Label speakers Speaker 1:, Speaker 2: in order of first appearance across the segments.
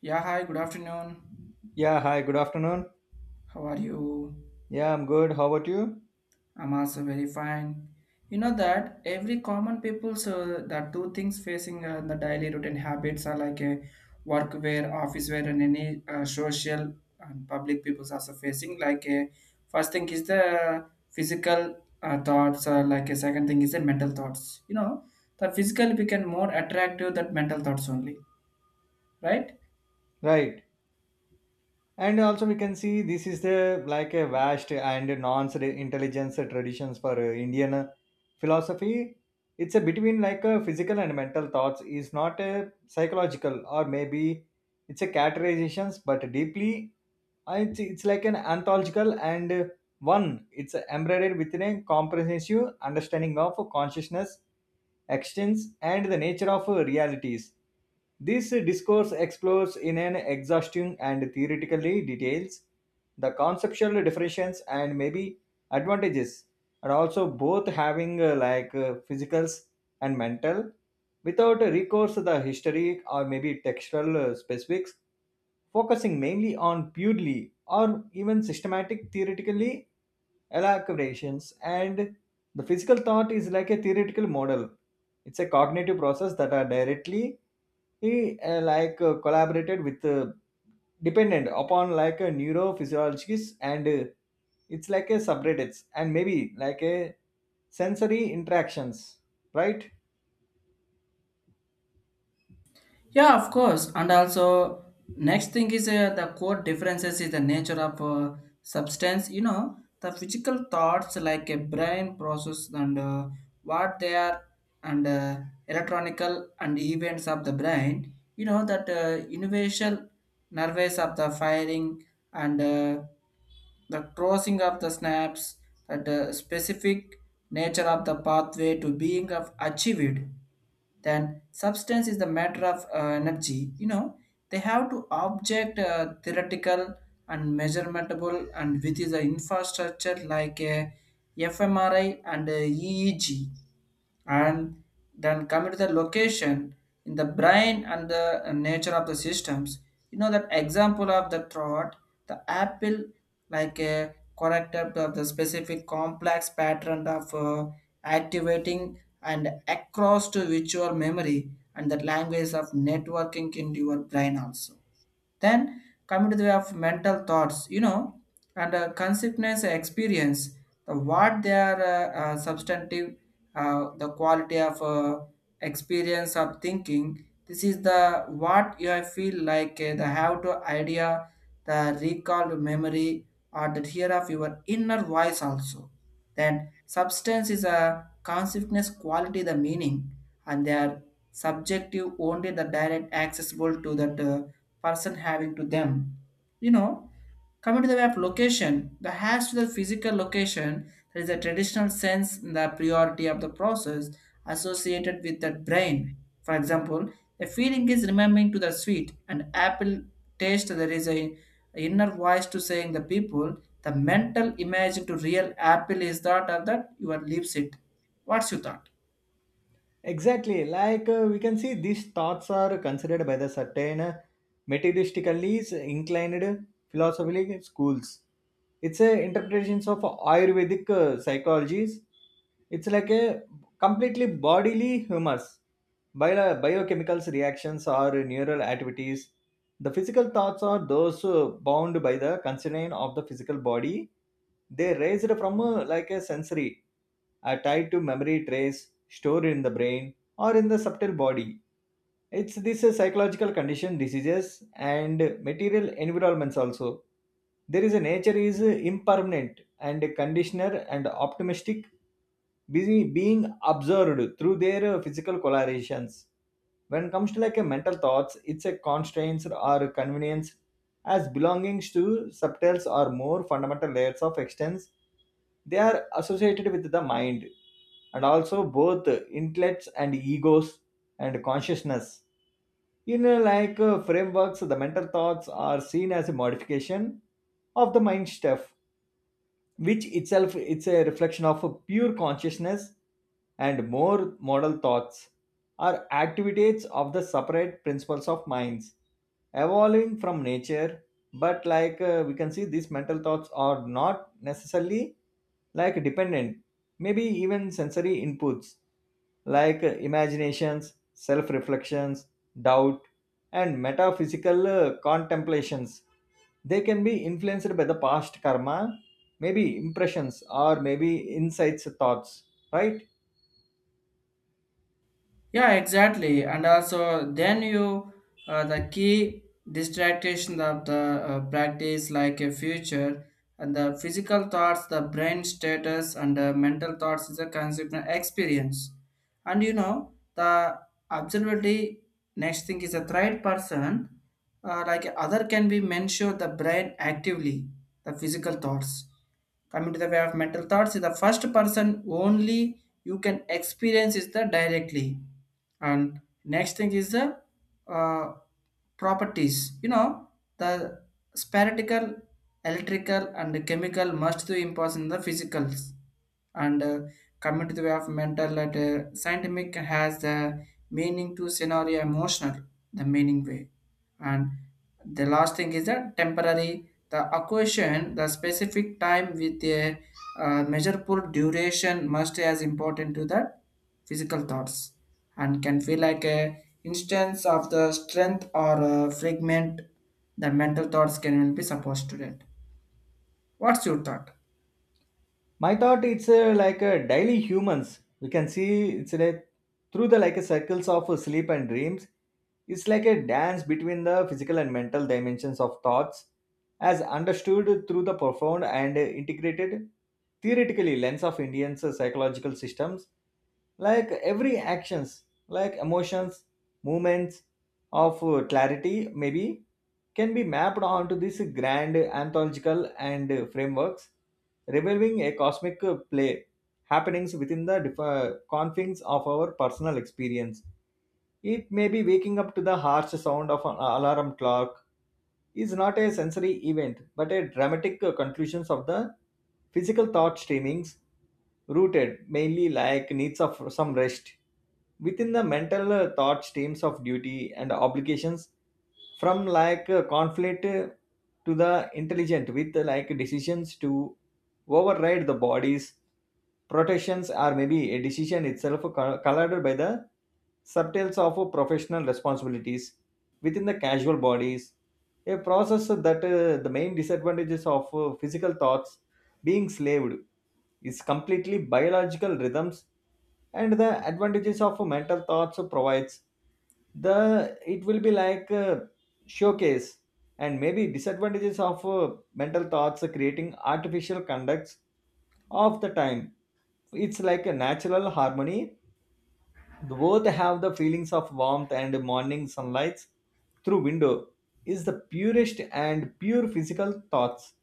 Speaker 1: Yeah, hi, good afternoon.
Speaker 2: Yeah, hi, good afternoon.
Speaker 1: How are you?
Speaker 2: Yeah, I'm good. How about you?
Speaker 1: I'm also very fine. You know that every common people's the two things facing the daily routine habits are like a work wear, office wear, and any social and public people's also facing like a first thing is the physical thoughts, like a second thing is the mental thoughts. You know, the physical become more attractive than mental thoughts only, right?
Speaker 2: Right. And also we can see this is the like a vast and non-intelligence traditions for Indian philosophy. It's a between like a physical and mental thoughts, is not a psychological or maybe it's a categorizations, but deeply it's like an anthological and one, it's embedded within a comprehensive understanding of consciousness extents and the nature of realities. This discourse explores, in an exhausting and theoretically details, the conceptual differentiations and maybe advantages, and also both having like physicals and mental, without recourse to the historic or maybe textual specifics, focusing mainly on purely or even systematic theoretically elaborations. And the physical thought is like a theoretical model. It's a cognitive process that are directly like collaborated with, dependent upon like a neurophysiologists, and it's like a subreddits and maybe like a sensory interactions, right?
Speaker 1: Yeah, of course. And also, next thing is the core differences is the nature of substance. You know, the physical thoughts like a brain process and what they are and electronical and events of the brain. You know that universal nervous of the firing and the crossing of the snaps that the specific nature of the pathway to being of achieved then substance is the matter of energy, you know, they have to object theoretical and measurementable and with the infrastructure like a fmri and a eeg and then coming to the location in the brain and the nature of the systems, you know that example of the thought the apple like a corrector of the specific complex pattern of activating and across to visual memory and the language of networking in your brain also then coming to the way of mental thoughts, you know, and consciousness experience, the what they are substantive, the quality of experience of thinking. This is the what you feel like the how to idea, the recall memory, or the hear of your inner voice also. Then substance is a consciousness quality, the meaning, and they are subjective only the direct accessible to that person having to them. You know, coming to the way of location, the has to the physical location, there is a traditional sense in the priority of the process associated with that brain. For example, the feeling is remembering to the sweet and apple taste. There is a inner voice to saying the people the mental image to real apple is that or that your leaves it. What's your thought?
Speaker 2: Exactly, like we can see these thoughts are considered by the certain materialistically inclined philosophical schools. It's a interpretations of Ayurvedic psychologies. It's like a completely bodily humors, biochemicals reactions or neural activities. The physical thoughts are those bound by the constraint of the physical body. They raised from like a sensory, are tied to memory trace stored in the brain or in the subtle body. It's this psychological condition, diseases, and material environments also. There is a nature is impermanent and conditioner and optimistic, busy being observed through their physical colorations. When it comes to like a mental thoughts, it's a constraints or convenience as belongings to subtles or more fundamental layers of existence. They are associated with the mind, and also both intellects and egos and consciousness. In like frameworks, the mental thoughts are seen as a modification of the mind stuff, which itself it's a reflection of a pure consciousness. And more model thoughts are activities of the separate principles of minds, evolving from nature. But like we can see these mental thoughts are not necessarily like dependent, maybe even sensory inputs, like imaginations, self reflections, doubt, and metaphysical contemplations. They can be influenced by the past karma, maybe impressions or maybe insights thoughts, right?
Speaker 1: Yeah, exactly. And also, then you the key distraction of the practice, like a future and the physical thoughts, the brain status, and the mental thoughts is a consequent experience. And you know, the observability next thing is a third person, like other can be mentioned the brain actively, the physical thoughts coming to the way of mental thoughts is the first person only you can experience is the directly and next thing is the uh, properties, you know, the spherical electrical and chemical must to impose in the physicals and coming to the way of mental and scientific has the meaning to scenario emotional the meaning way and the last thing is that temporary the occasion the specific time with a measurable duration must be as important to the physical thoughts and can feel like a instance of the strength or a fragment the mental thoughts can be supposed to that what's your thought?
Speaker 2: My thought, it's like a daily humans, we can see it's like through the like a circles of sleep and dreams. It's like a dance between the physical and mental dimensions of thoughts, as understood through the profound and integrated theoretically lens of Indian psychological systems. Like every actions, like emotions, movements, of clarity, maybe can be mapped onto this grand anthological and frameworks, revealing a cosmic play happenings within the confines of our personal experience. It may be waking up to the harsh sound of an alarm clock, is not a sensory event but a dramatic conclusion of the physical thought streamings, rooted mainly like needs of some rest within the mental thought streams of duty and obligations. From like conflict, to the intelligent with like decisions to override the body's protections, or maybe a decision itself colored by the subtles of professional responsibilities within the casual bodies, a process that the main disadvantages of physical thoughts being slaved is completely biological rhythms. And the advantages of mental thoughts provides the, it will be like a showcase. And maybe disadvantages of mental thoughts creating artificial conducts of the time, it's like a natural harmony. The both have the feelings of warmth and morning sunlight through window is the purest, and pure physical thoughts,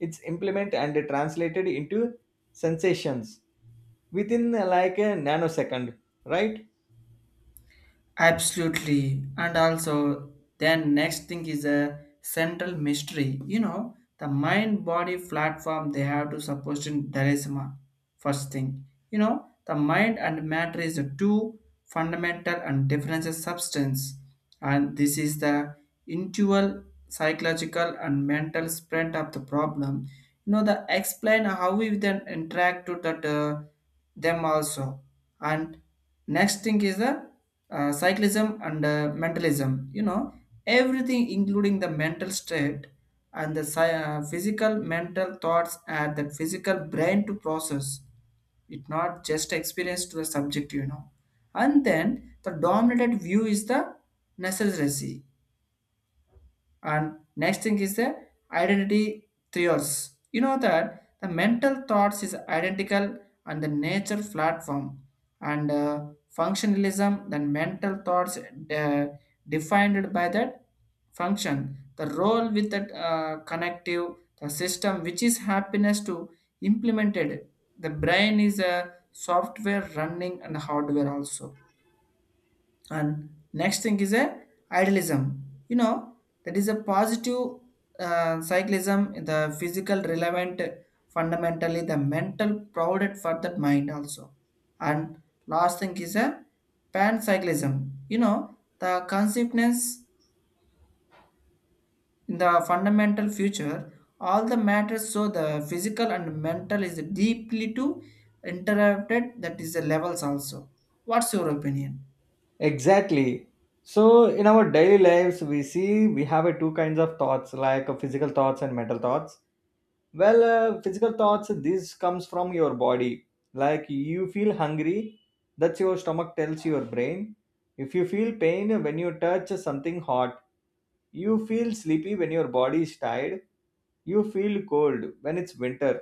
Speaker 2: it's implement and translated into sensations within like a nanosecond, right?
Speaker 1: Absolutely. And also, then next thing is a central mystery. You know, the mind body platform they have to suppose in Daresma. First thing, you know, the mind and matter is a two fundamental and different substance. And this is the intual, psychological, and mental spread of the problem, you know, the explain how we then interact to that them also and next thing is the cyclism and mentalism, you know, everything including the mental state and the physical mental thoughts and the physical brain to process it not just experience to the subject, you know, and then the dominant view is the necessary and next thing is the identity trios, you know that the mental thoughts is identical and the nature platform and functionalism then mental thoughts defined by that function the role with that connective the system which is happiness to implemented the brain is a software running and hardware also and next thing is a idealism, you know, that is a positive cyclism the physical relevant fundamentally the mental provided for that mind also and last thing is a pancyclism, you know, the consciousness in the fundamental future all the matters so the physical and mental is deeply to interrupted that is the levels also what's your opinion?
Speaker 2: Exactly. So in our daily lives, we see we have a two kinds of thoughts, like physical thoughts and mental thoughts. Well, physical thoughts, this comes from your body. Like you feel hungry, that's your stomach tells your brain. If you feel pain when you touch something hot, you feel sleepy when your body is tired, you feel cold when it's winter,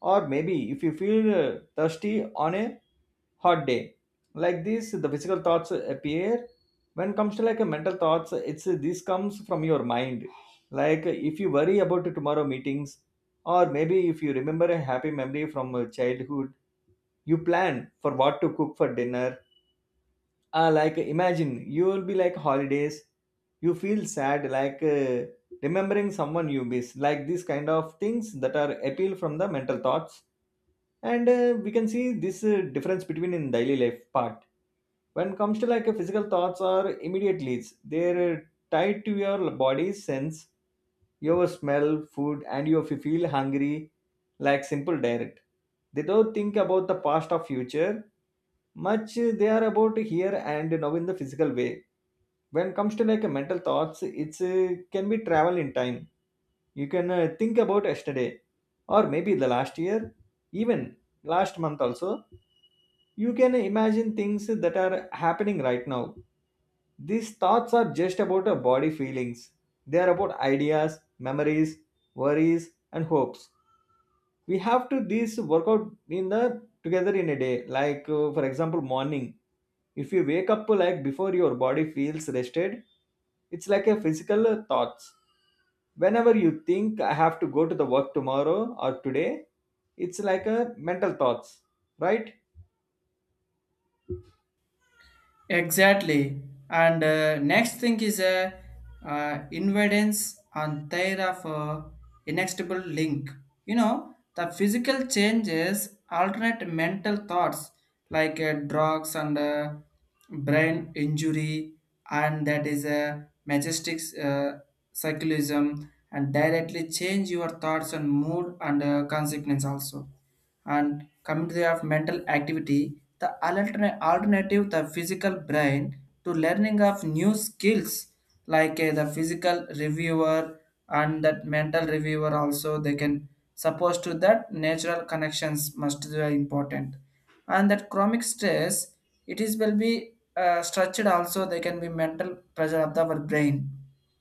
Speaker 2: or maybe if you feel thirsty on a hot day, like this the physical thoughts appear. When it comes to like a mental thoughts, it's this comes from your mind. Like if you worry about tomorrow meetings, or maybe if you remember a happy memory from childhood, you plan for what to cook for dinner. Like imagine you will be like holidays. You feel sad, like remembering someone you miss. Like these kind of things that are appeal from the mental thoughts. And we can see this difference between in daily life part. When it comes to like a physical thoughts are immediate leads, they're tied to your body sense, your smell food, and if you feel hungry, like simple direct, they don't think about the past or future much. They are about here and now in the physical way. When it comes to like a mental thoughts, it's can be travel in time. You can think about yesterday, or maybe the last year, even last month also. You can imagine things that are happening right now. These thoughts are just about our body feelings. They are about ideas, memories, worries, and hopes. We have to these work out in the together in a day. Like for example, morning. If you wake up like before your body feels rested, it's like a physical thoughts. Whenever you think I have to go to the work tomorrow or today, it's like a mental thoughts, right?
Speaker 1: Exactly. And next thing is a invadance on their of inextricable link. You know, the physical changes alternate mental thoughts like drugs and brain injury, and that is a majestic cyclism and directly change your thoughts and mood and consequence also and coming to the of mental activity the alternative the physical brain to learning of new skills like the physical reviewer and that mental reviewer also they can suppose to that natural connections must be important and that chronic stress it is will be structured also they can be mental pressure of the, our brain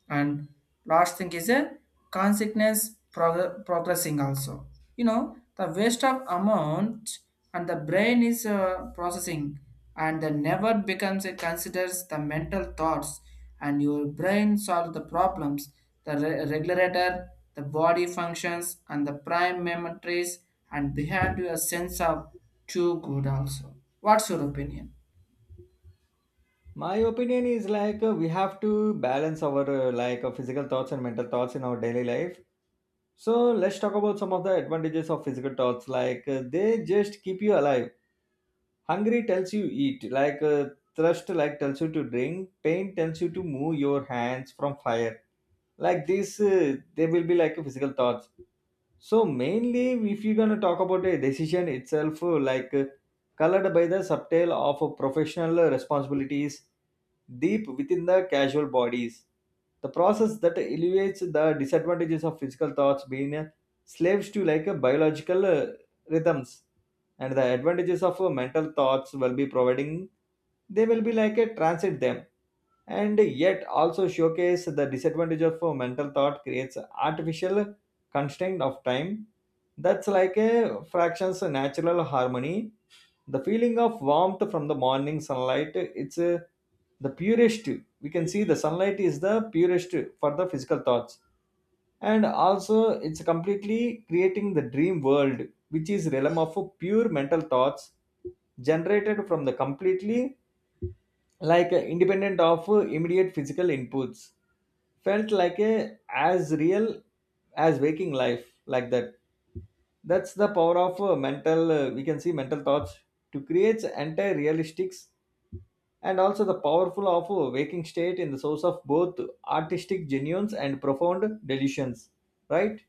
Speaker 1: and last thing is a consequence progressing also, you know, the waste of amount and the brain is processing and the never becomes it considers the mental thoughts and your brain solve the problems the regulator the body functions and the prime memories and behind your sense of too good also what's your opinion?
Speaker 2: My opinion is like we have to balance our like physical thoughts and mental thoughts in our daily life. So let's talk about some of the advantages of physical thoughts. Like they just keep you alive. Hungry tells you eat. Like thirst like tells you to drink. Pain tells you to move your hands from fire. Like this, they will be like a physical thoughts. So mainly, if you're gonna talk about a decision itself, like colored by the subtale of professional responsibilities deep within the casual bodies, the process that elevates the disadvantages of physical thoughts being slaves to like biological rhythms, and the advantages of mental thoughts will be providing, they will be like a transit them, and yet also showcase the disadvantage of mental thought creates artificial constraint of time. That's like a fractions natural harmony. The feeling of warmth from the morning sunlight, it's a, the purest, we can see the sunlight is the purest for the physical thoughts. And also it's completely creating the dream world, which is realm of pure mental thoughts, generated from the completely like independent of immediate physical inputs, felt like a as real as waking life. Like that, that's the power of mental we can see mental thoughts to create entire realistics. And also the powerful of waking state in the source of both artistic genuines and profound delusions, right?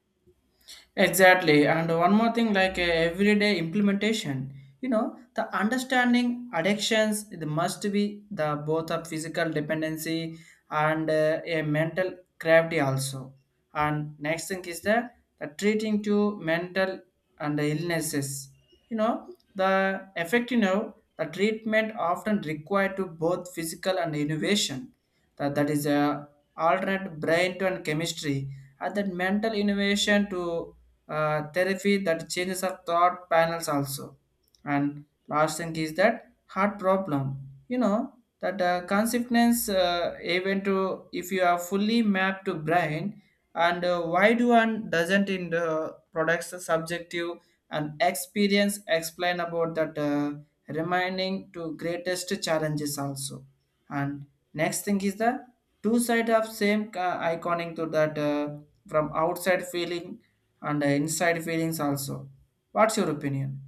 Speaker 1: Exactly. And one more thing, like everyday implementation, you know, the understanding addictions, it must be the both of physical dependency and a mental gravity also. And next thing is the treating to mental and the illnesses. You know, the effect, you know, the treatment often required to both physical and innovation that is a alternate brain to and chemistry and then mental innovation to therapy that changes of thought panels also and last thing is that heart problem, you know that consequence even to if you are fully mapped to brain and why do one doesn't in the products subjective and experience explain about that remaining to greatest challenges also and next thing is the two side of same iconic to that from outside feeling and inside feelings also. What's your opinion?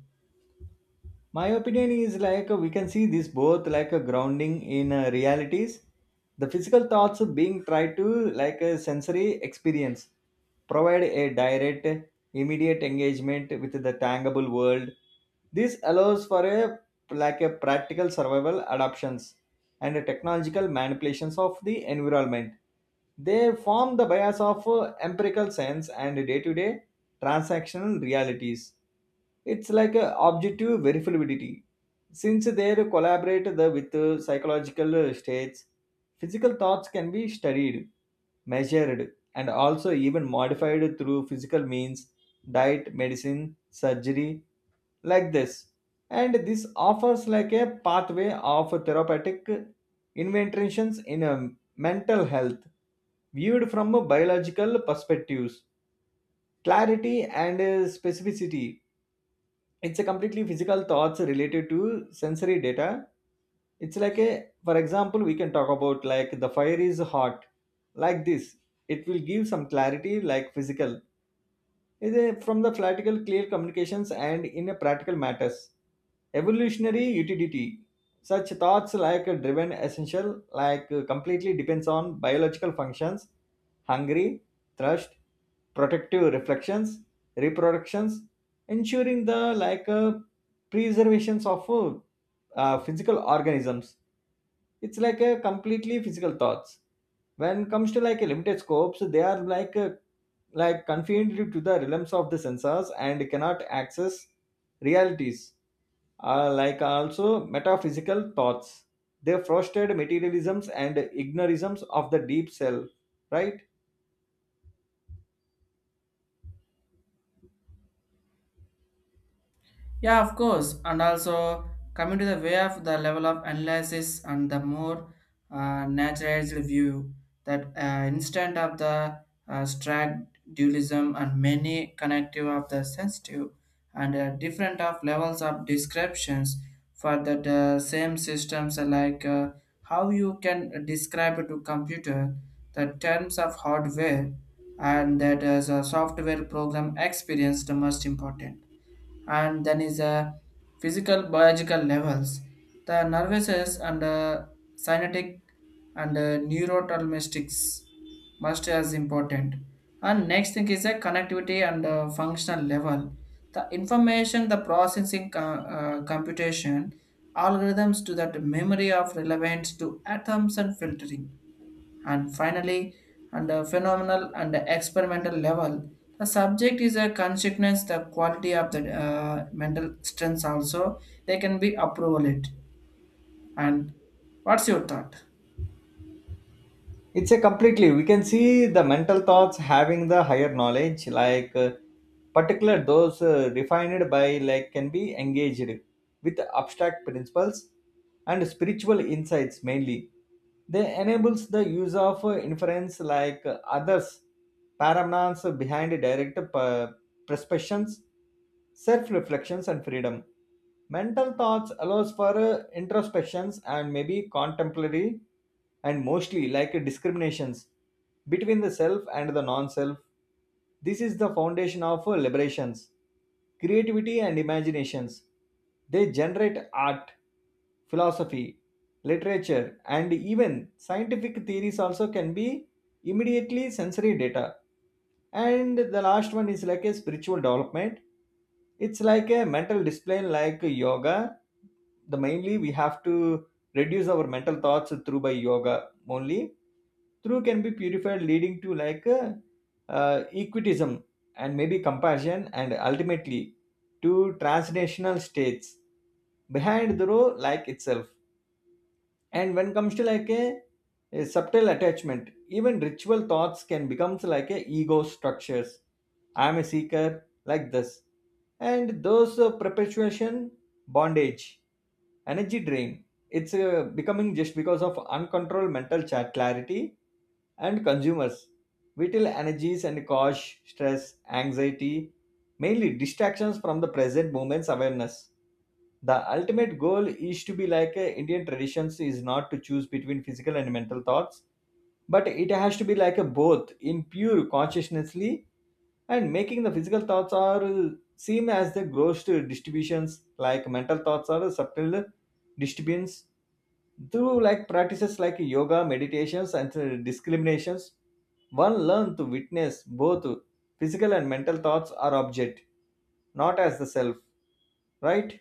Speaker 2: My opinion is like we can see this both like a grounding in realities. The physical thoughts being tried to like a sensory experience provide a direct immediate engagement with the tangible world. This allows for a like a practical survival adoptions and technological manipulations of the environment. They form the bias of empirical sense and day to day transactional realities. It's like a objective verifiability. Since they collaborate the, with psychological states, physical thoughts can be studied, measured, and also even modified through physical means, diet, medicine, surgery, like this. And this offers like a pathway of therapeutic interventions in mental health, viewed from a biological perspectives, clarity and specificity. It's a completely physical thoughts related to sensory data. It's like a, for example we can talk about like the fire is hot, like this. It will give some clarity like physical is a, from the practical clear communications and in a practical matters, evolutionary utility. Such thoughts like driven essential, like completely depends on biological functions: hungry, thirst, protective reflections, reproductions, ensuring the like preservations of physical organisms. It's like a completely physical thoughts. When it comes to like a limited scopes, they are like a, like confined to the realms of the sensors and cannot access realities. Are like also metaphysical thoughts. They frosted materialisms and ignorisms of the deep self, right?
Speaker 1: Yeah, of course. And also coming to the way of the level of analysis and the more naturalized view that instant of the strag dualism and many connective of the sensitive and different of levels of descriptions for that same systems are like how you can describe to computer the terms of hardware and that as a software program experience the most important and then is a physical biological levels the nervous and synaptic and neurotransmitters must as important and next thing is a connectivity and functional level the information the processing computation algorithms to that memory of relevance to atoms and filtering and finally, on the phenomenal and the experimental level, the subject is a consequence the quality of the mental strengths also they can be approval it. And what's your thought?
Speaker 2: It's a completely we can see the mental thoughts having the higher knowledge, like particular those refined by like can be engaged with abstract principles and spiritual insights mainly. They enables the use of inference, like others paradigms behind direct uh, perceptions, self-reflections and freedom. Mental thoughts allows for introspections and maybe contemporary and mostly like discriminations between the self and the non-self. This is the foundation of liberations, creativity and imaginations. They generate art, philosophy, literature, and even scientific theories also can be immediately sensory data. And the last one is like a spiritual development, it's like a mental discipline like yoga. The mainly we have to reduce our mental thoughts through by yoga only. Through can be purified leading to like equitism and maybe compassion and ultimately to transnational states behind the row like itself. And when comes to like a subtle attachment, even ritual thoughts can becomes like a ego structures. I'm a seeker like this, and those perpetuation, bondage, energy drain, it's becoming just because of uncontrolled mental chat clarity and consumers vital energies and cause stress anxiety, mainly distractions from the present moment's awareness. The ultimate goal is to be like indian traditions is not to choose between physical and mental thoughts, but it has to be like a both in pure consciousnessly, and making the physical thoughts are seem as the gross to distributions like mental thoughts are subtle disturbance. Through like practices like yoga meditations and discriminations, one learn to witness both physical and mental thoughts are object, not as the self, right.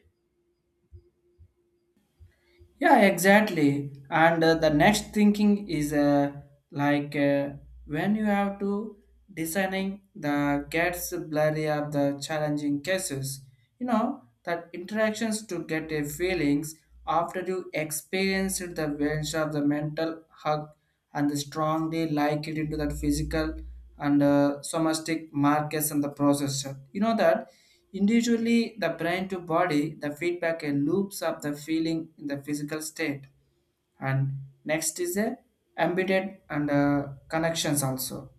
Speaker 1: Yeah, exactly. And the next thinking is like when you have to designing the gets blurry of the challenging cases, you know that interactions to get a feelings after you experienced the bench of the mental hug and strongly like it into that physical and somatic markers and the processor. You know that individually the brain to body, the feedback loops up the feeling in the physical state and next is a embedded and connections also,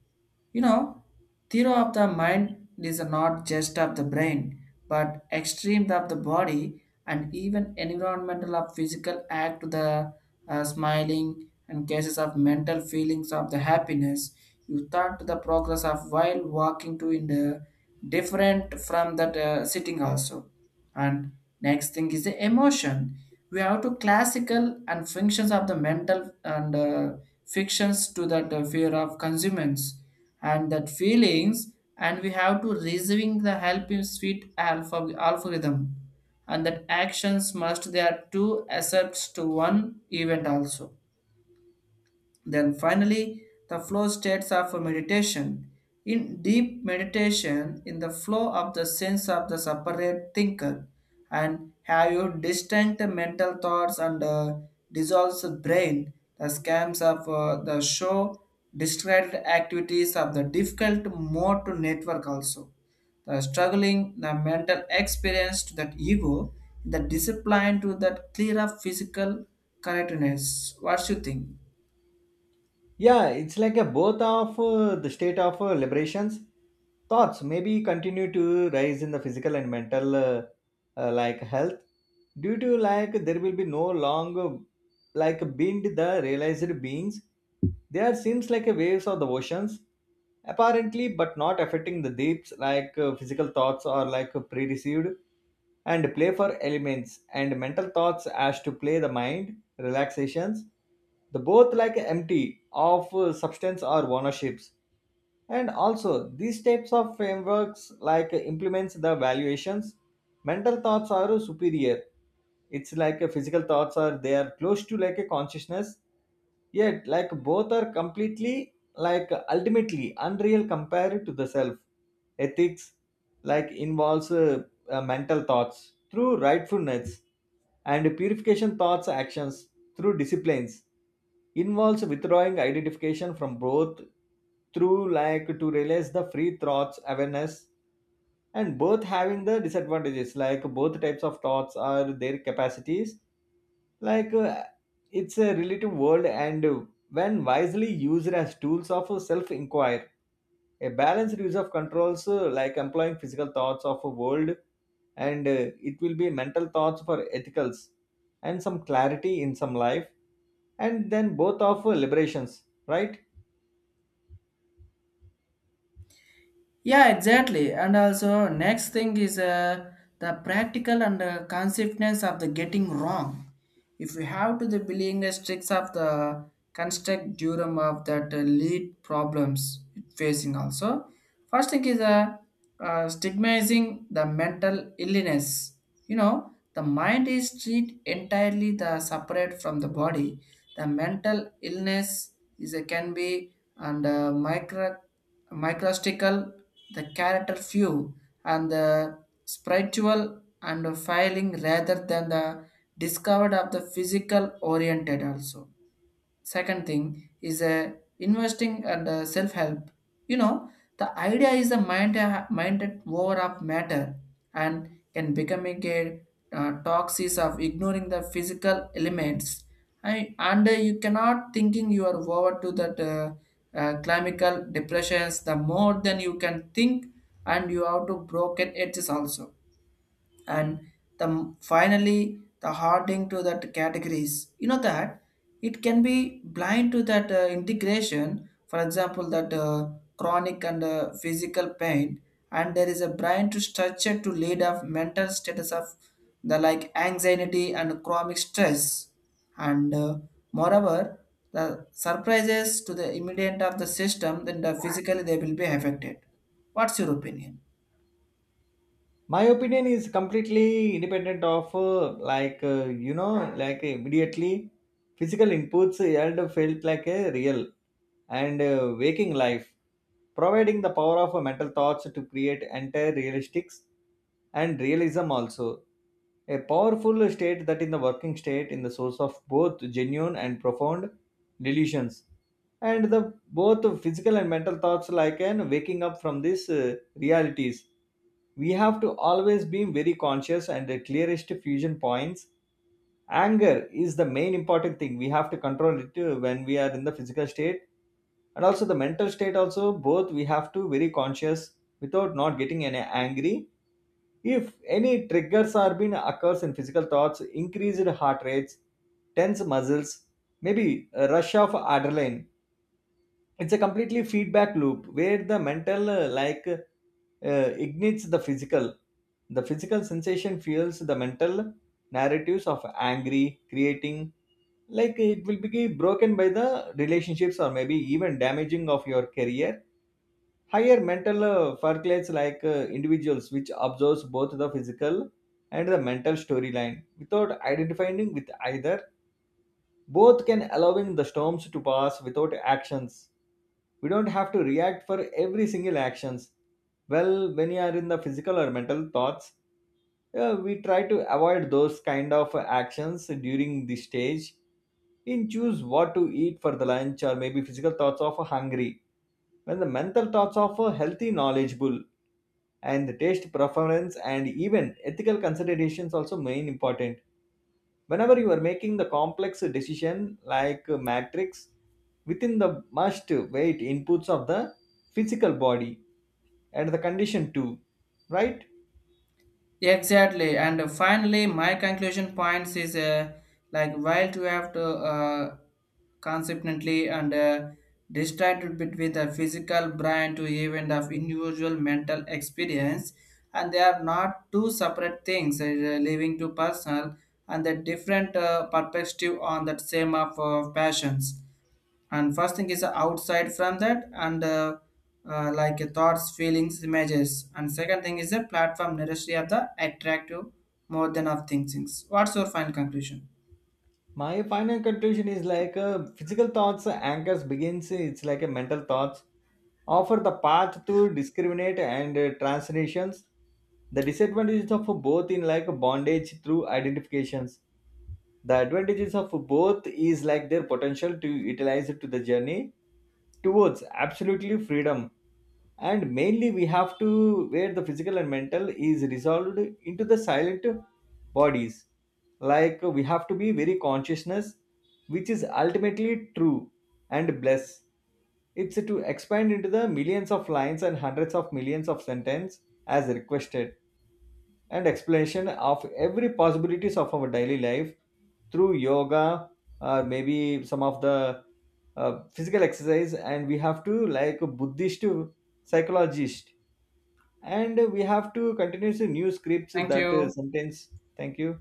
Speaker 1: you know, theory of the mind is not just of the brain, but extreme of the body and even environmental of physical act to the smiling and cases of mental feelings of the happiness you thought to the progress of while walking to in the different from that sitting also and next thing is the emotion we have to classical and functions of the mental and fictions to that fear of consumers and that feelings and we have to receiving the help in sweet alpha algorithm and that actions must there are two accepts to one event also then finally, the flow states of meditation. In deep meditation, in the flow of the sense of the separate thinker, and have your distant mental thoughts and dissolves the brain, the scams of the show, distracted activities of the difficult mode to network also. The struggling, the mental experience to that ego, the discipline to that clear of physical correctness. What you think?
Speaker 2: Yeah, it's like a both of the state of liberations thoughts maybe continue to rise in the physical and mental like health due to like there will be no longer like being the realized beings. They are seems like a waves of the oceans apparently, but not affecting the deeps like physical thoughts or like pre-received and play for elements, and mental thoughts as to play the mind relaxations, the both like empty of substance or ownerships. And also these types of frameworks like implements the valuations. Mental thoughts are superior, it's like a physical thoughts are they are close to like a consciousness, yet like both are completely like ultimately unreal compared to the self. Ethics like involves mental thoughts through rightfulness and purification thoughts actions through disciplines, involves withdrawing identification from both through like to realize the free thoughts awareness. And both having the disadvantages like both types of thoughts are their capacities, like it's a relative world, and when wisely used as tools of self inquiry, a balanced use of controls like employing physical thoughts of a world, and it will be mental thoughts for ethicals and some clarity in some life, and then both of liberations, right.
Speaker 1: Yeah, exactly. And also, next thing is the practical and consequence of the getting wrong. If we have to the being a strict of the construct durum of that lead problems facing also. First thing is stigmatizing the mental illness. You know, the mind is treated entirely the separate from the body. The mental illness is a, can be and micro microstical the character few and the spiritual and failing rather than the discovered of the physical oriented also second thing is investing and self help, you know, the idea is the mind minded over of matter and can becoming a toxis of ignoring the physical elements I, and you cannot thinking you are over to that clinical depressions the more than you can think and you have to broken edges also and the finally the hardening to that categories, you know that it can be blind to that integration for example that chronic and physical pain and there is a blind to structure to lead of mental status of the like anxiety and chronic stress and moreover the surprises to the immediate of the system then the physically they will be affected what's your opinion?
Speaker 2: My opinion is completely independent of you know, like immediately physical inputs held felt like a real, and waking life providing the power of mental thoughts to create entire realistics and realism also. A powerful state that in the working state in the source of both genuine and profound delusions, and the both physical and mental thoughts like an waking up from these realities. We have to always be very conscious and the clearest fusion points. Anger is the main important thing, we have to control it when we are in the physical state and also the mental state also, both we have to very conscious without not getting any angry. If any triggers are being occurs in physical thoughts, increased heart rates, tense muscles, maybe a rush of adrenaline. It's a completely feedback loop where the mental ignites the physical. The physical sensation fuels the mental narratives of angry, creating like it will be broken by the relationships or maybe even damaging of your career. Higher mental percolates like individuals which observes both the physical and the mental storyline without identifying with either, both can allowing the storms to pass without actions. We don't have to react for every single actions, well when you are in the physical or mental thoughts, we try to avoid those kind of actions during this stage. In choose what to eat for the lunch or maybe physical thoughts of hungry, when the mental thoughts of a healthy knowledgeable and the taste preference and even ethical considerations also main important. Whenever you are making the complex decision like a matrix within the must weight inputs of the physical body and the condition too, right.
Speaker 1: Exactly, and finally, my conclusion points is like while to have to consequently and distracted between the physical brain to event of individual mental experience, and they are not two separate things, leaving to personal and the different perspective on that same of passions and first thing is outside from that and like thoughts feelings images and second thing is a platform necessary of the attractive more than of things what's your final conclusion
Speaker 2: My final conclusion is like physical thoughts anchors begins, it's like a mental thoughts offer the path to discriminate and translations. The disadvantages of both in like bondage through identifications. The advantages of both is like their potential to utilize it to the journey towards absolutely freedom. And mainly we have to where the physical and mental is resolved into the silent bodies. Like we have to be very consciousness, which is ultimately true and bless. It's to expand into the millions of lines and hundreds of millions of sentence as requested, and explanation of every possibilities of our daily life through yoga or maybe some of the physical exercise, and we have to like a buddhist psychologist, and we have to continue to new scripts
Speaker 1: thank
Speaker 2: that
Speaker 1: you
Speaker 2: sentence. Thank you.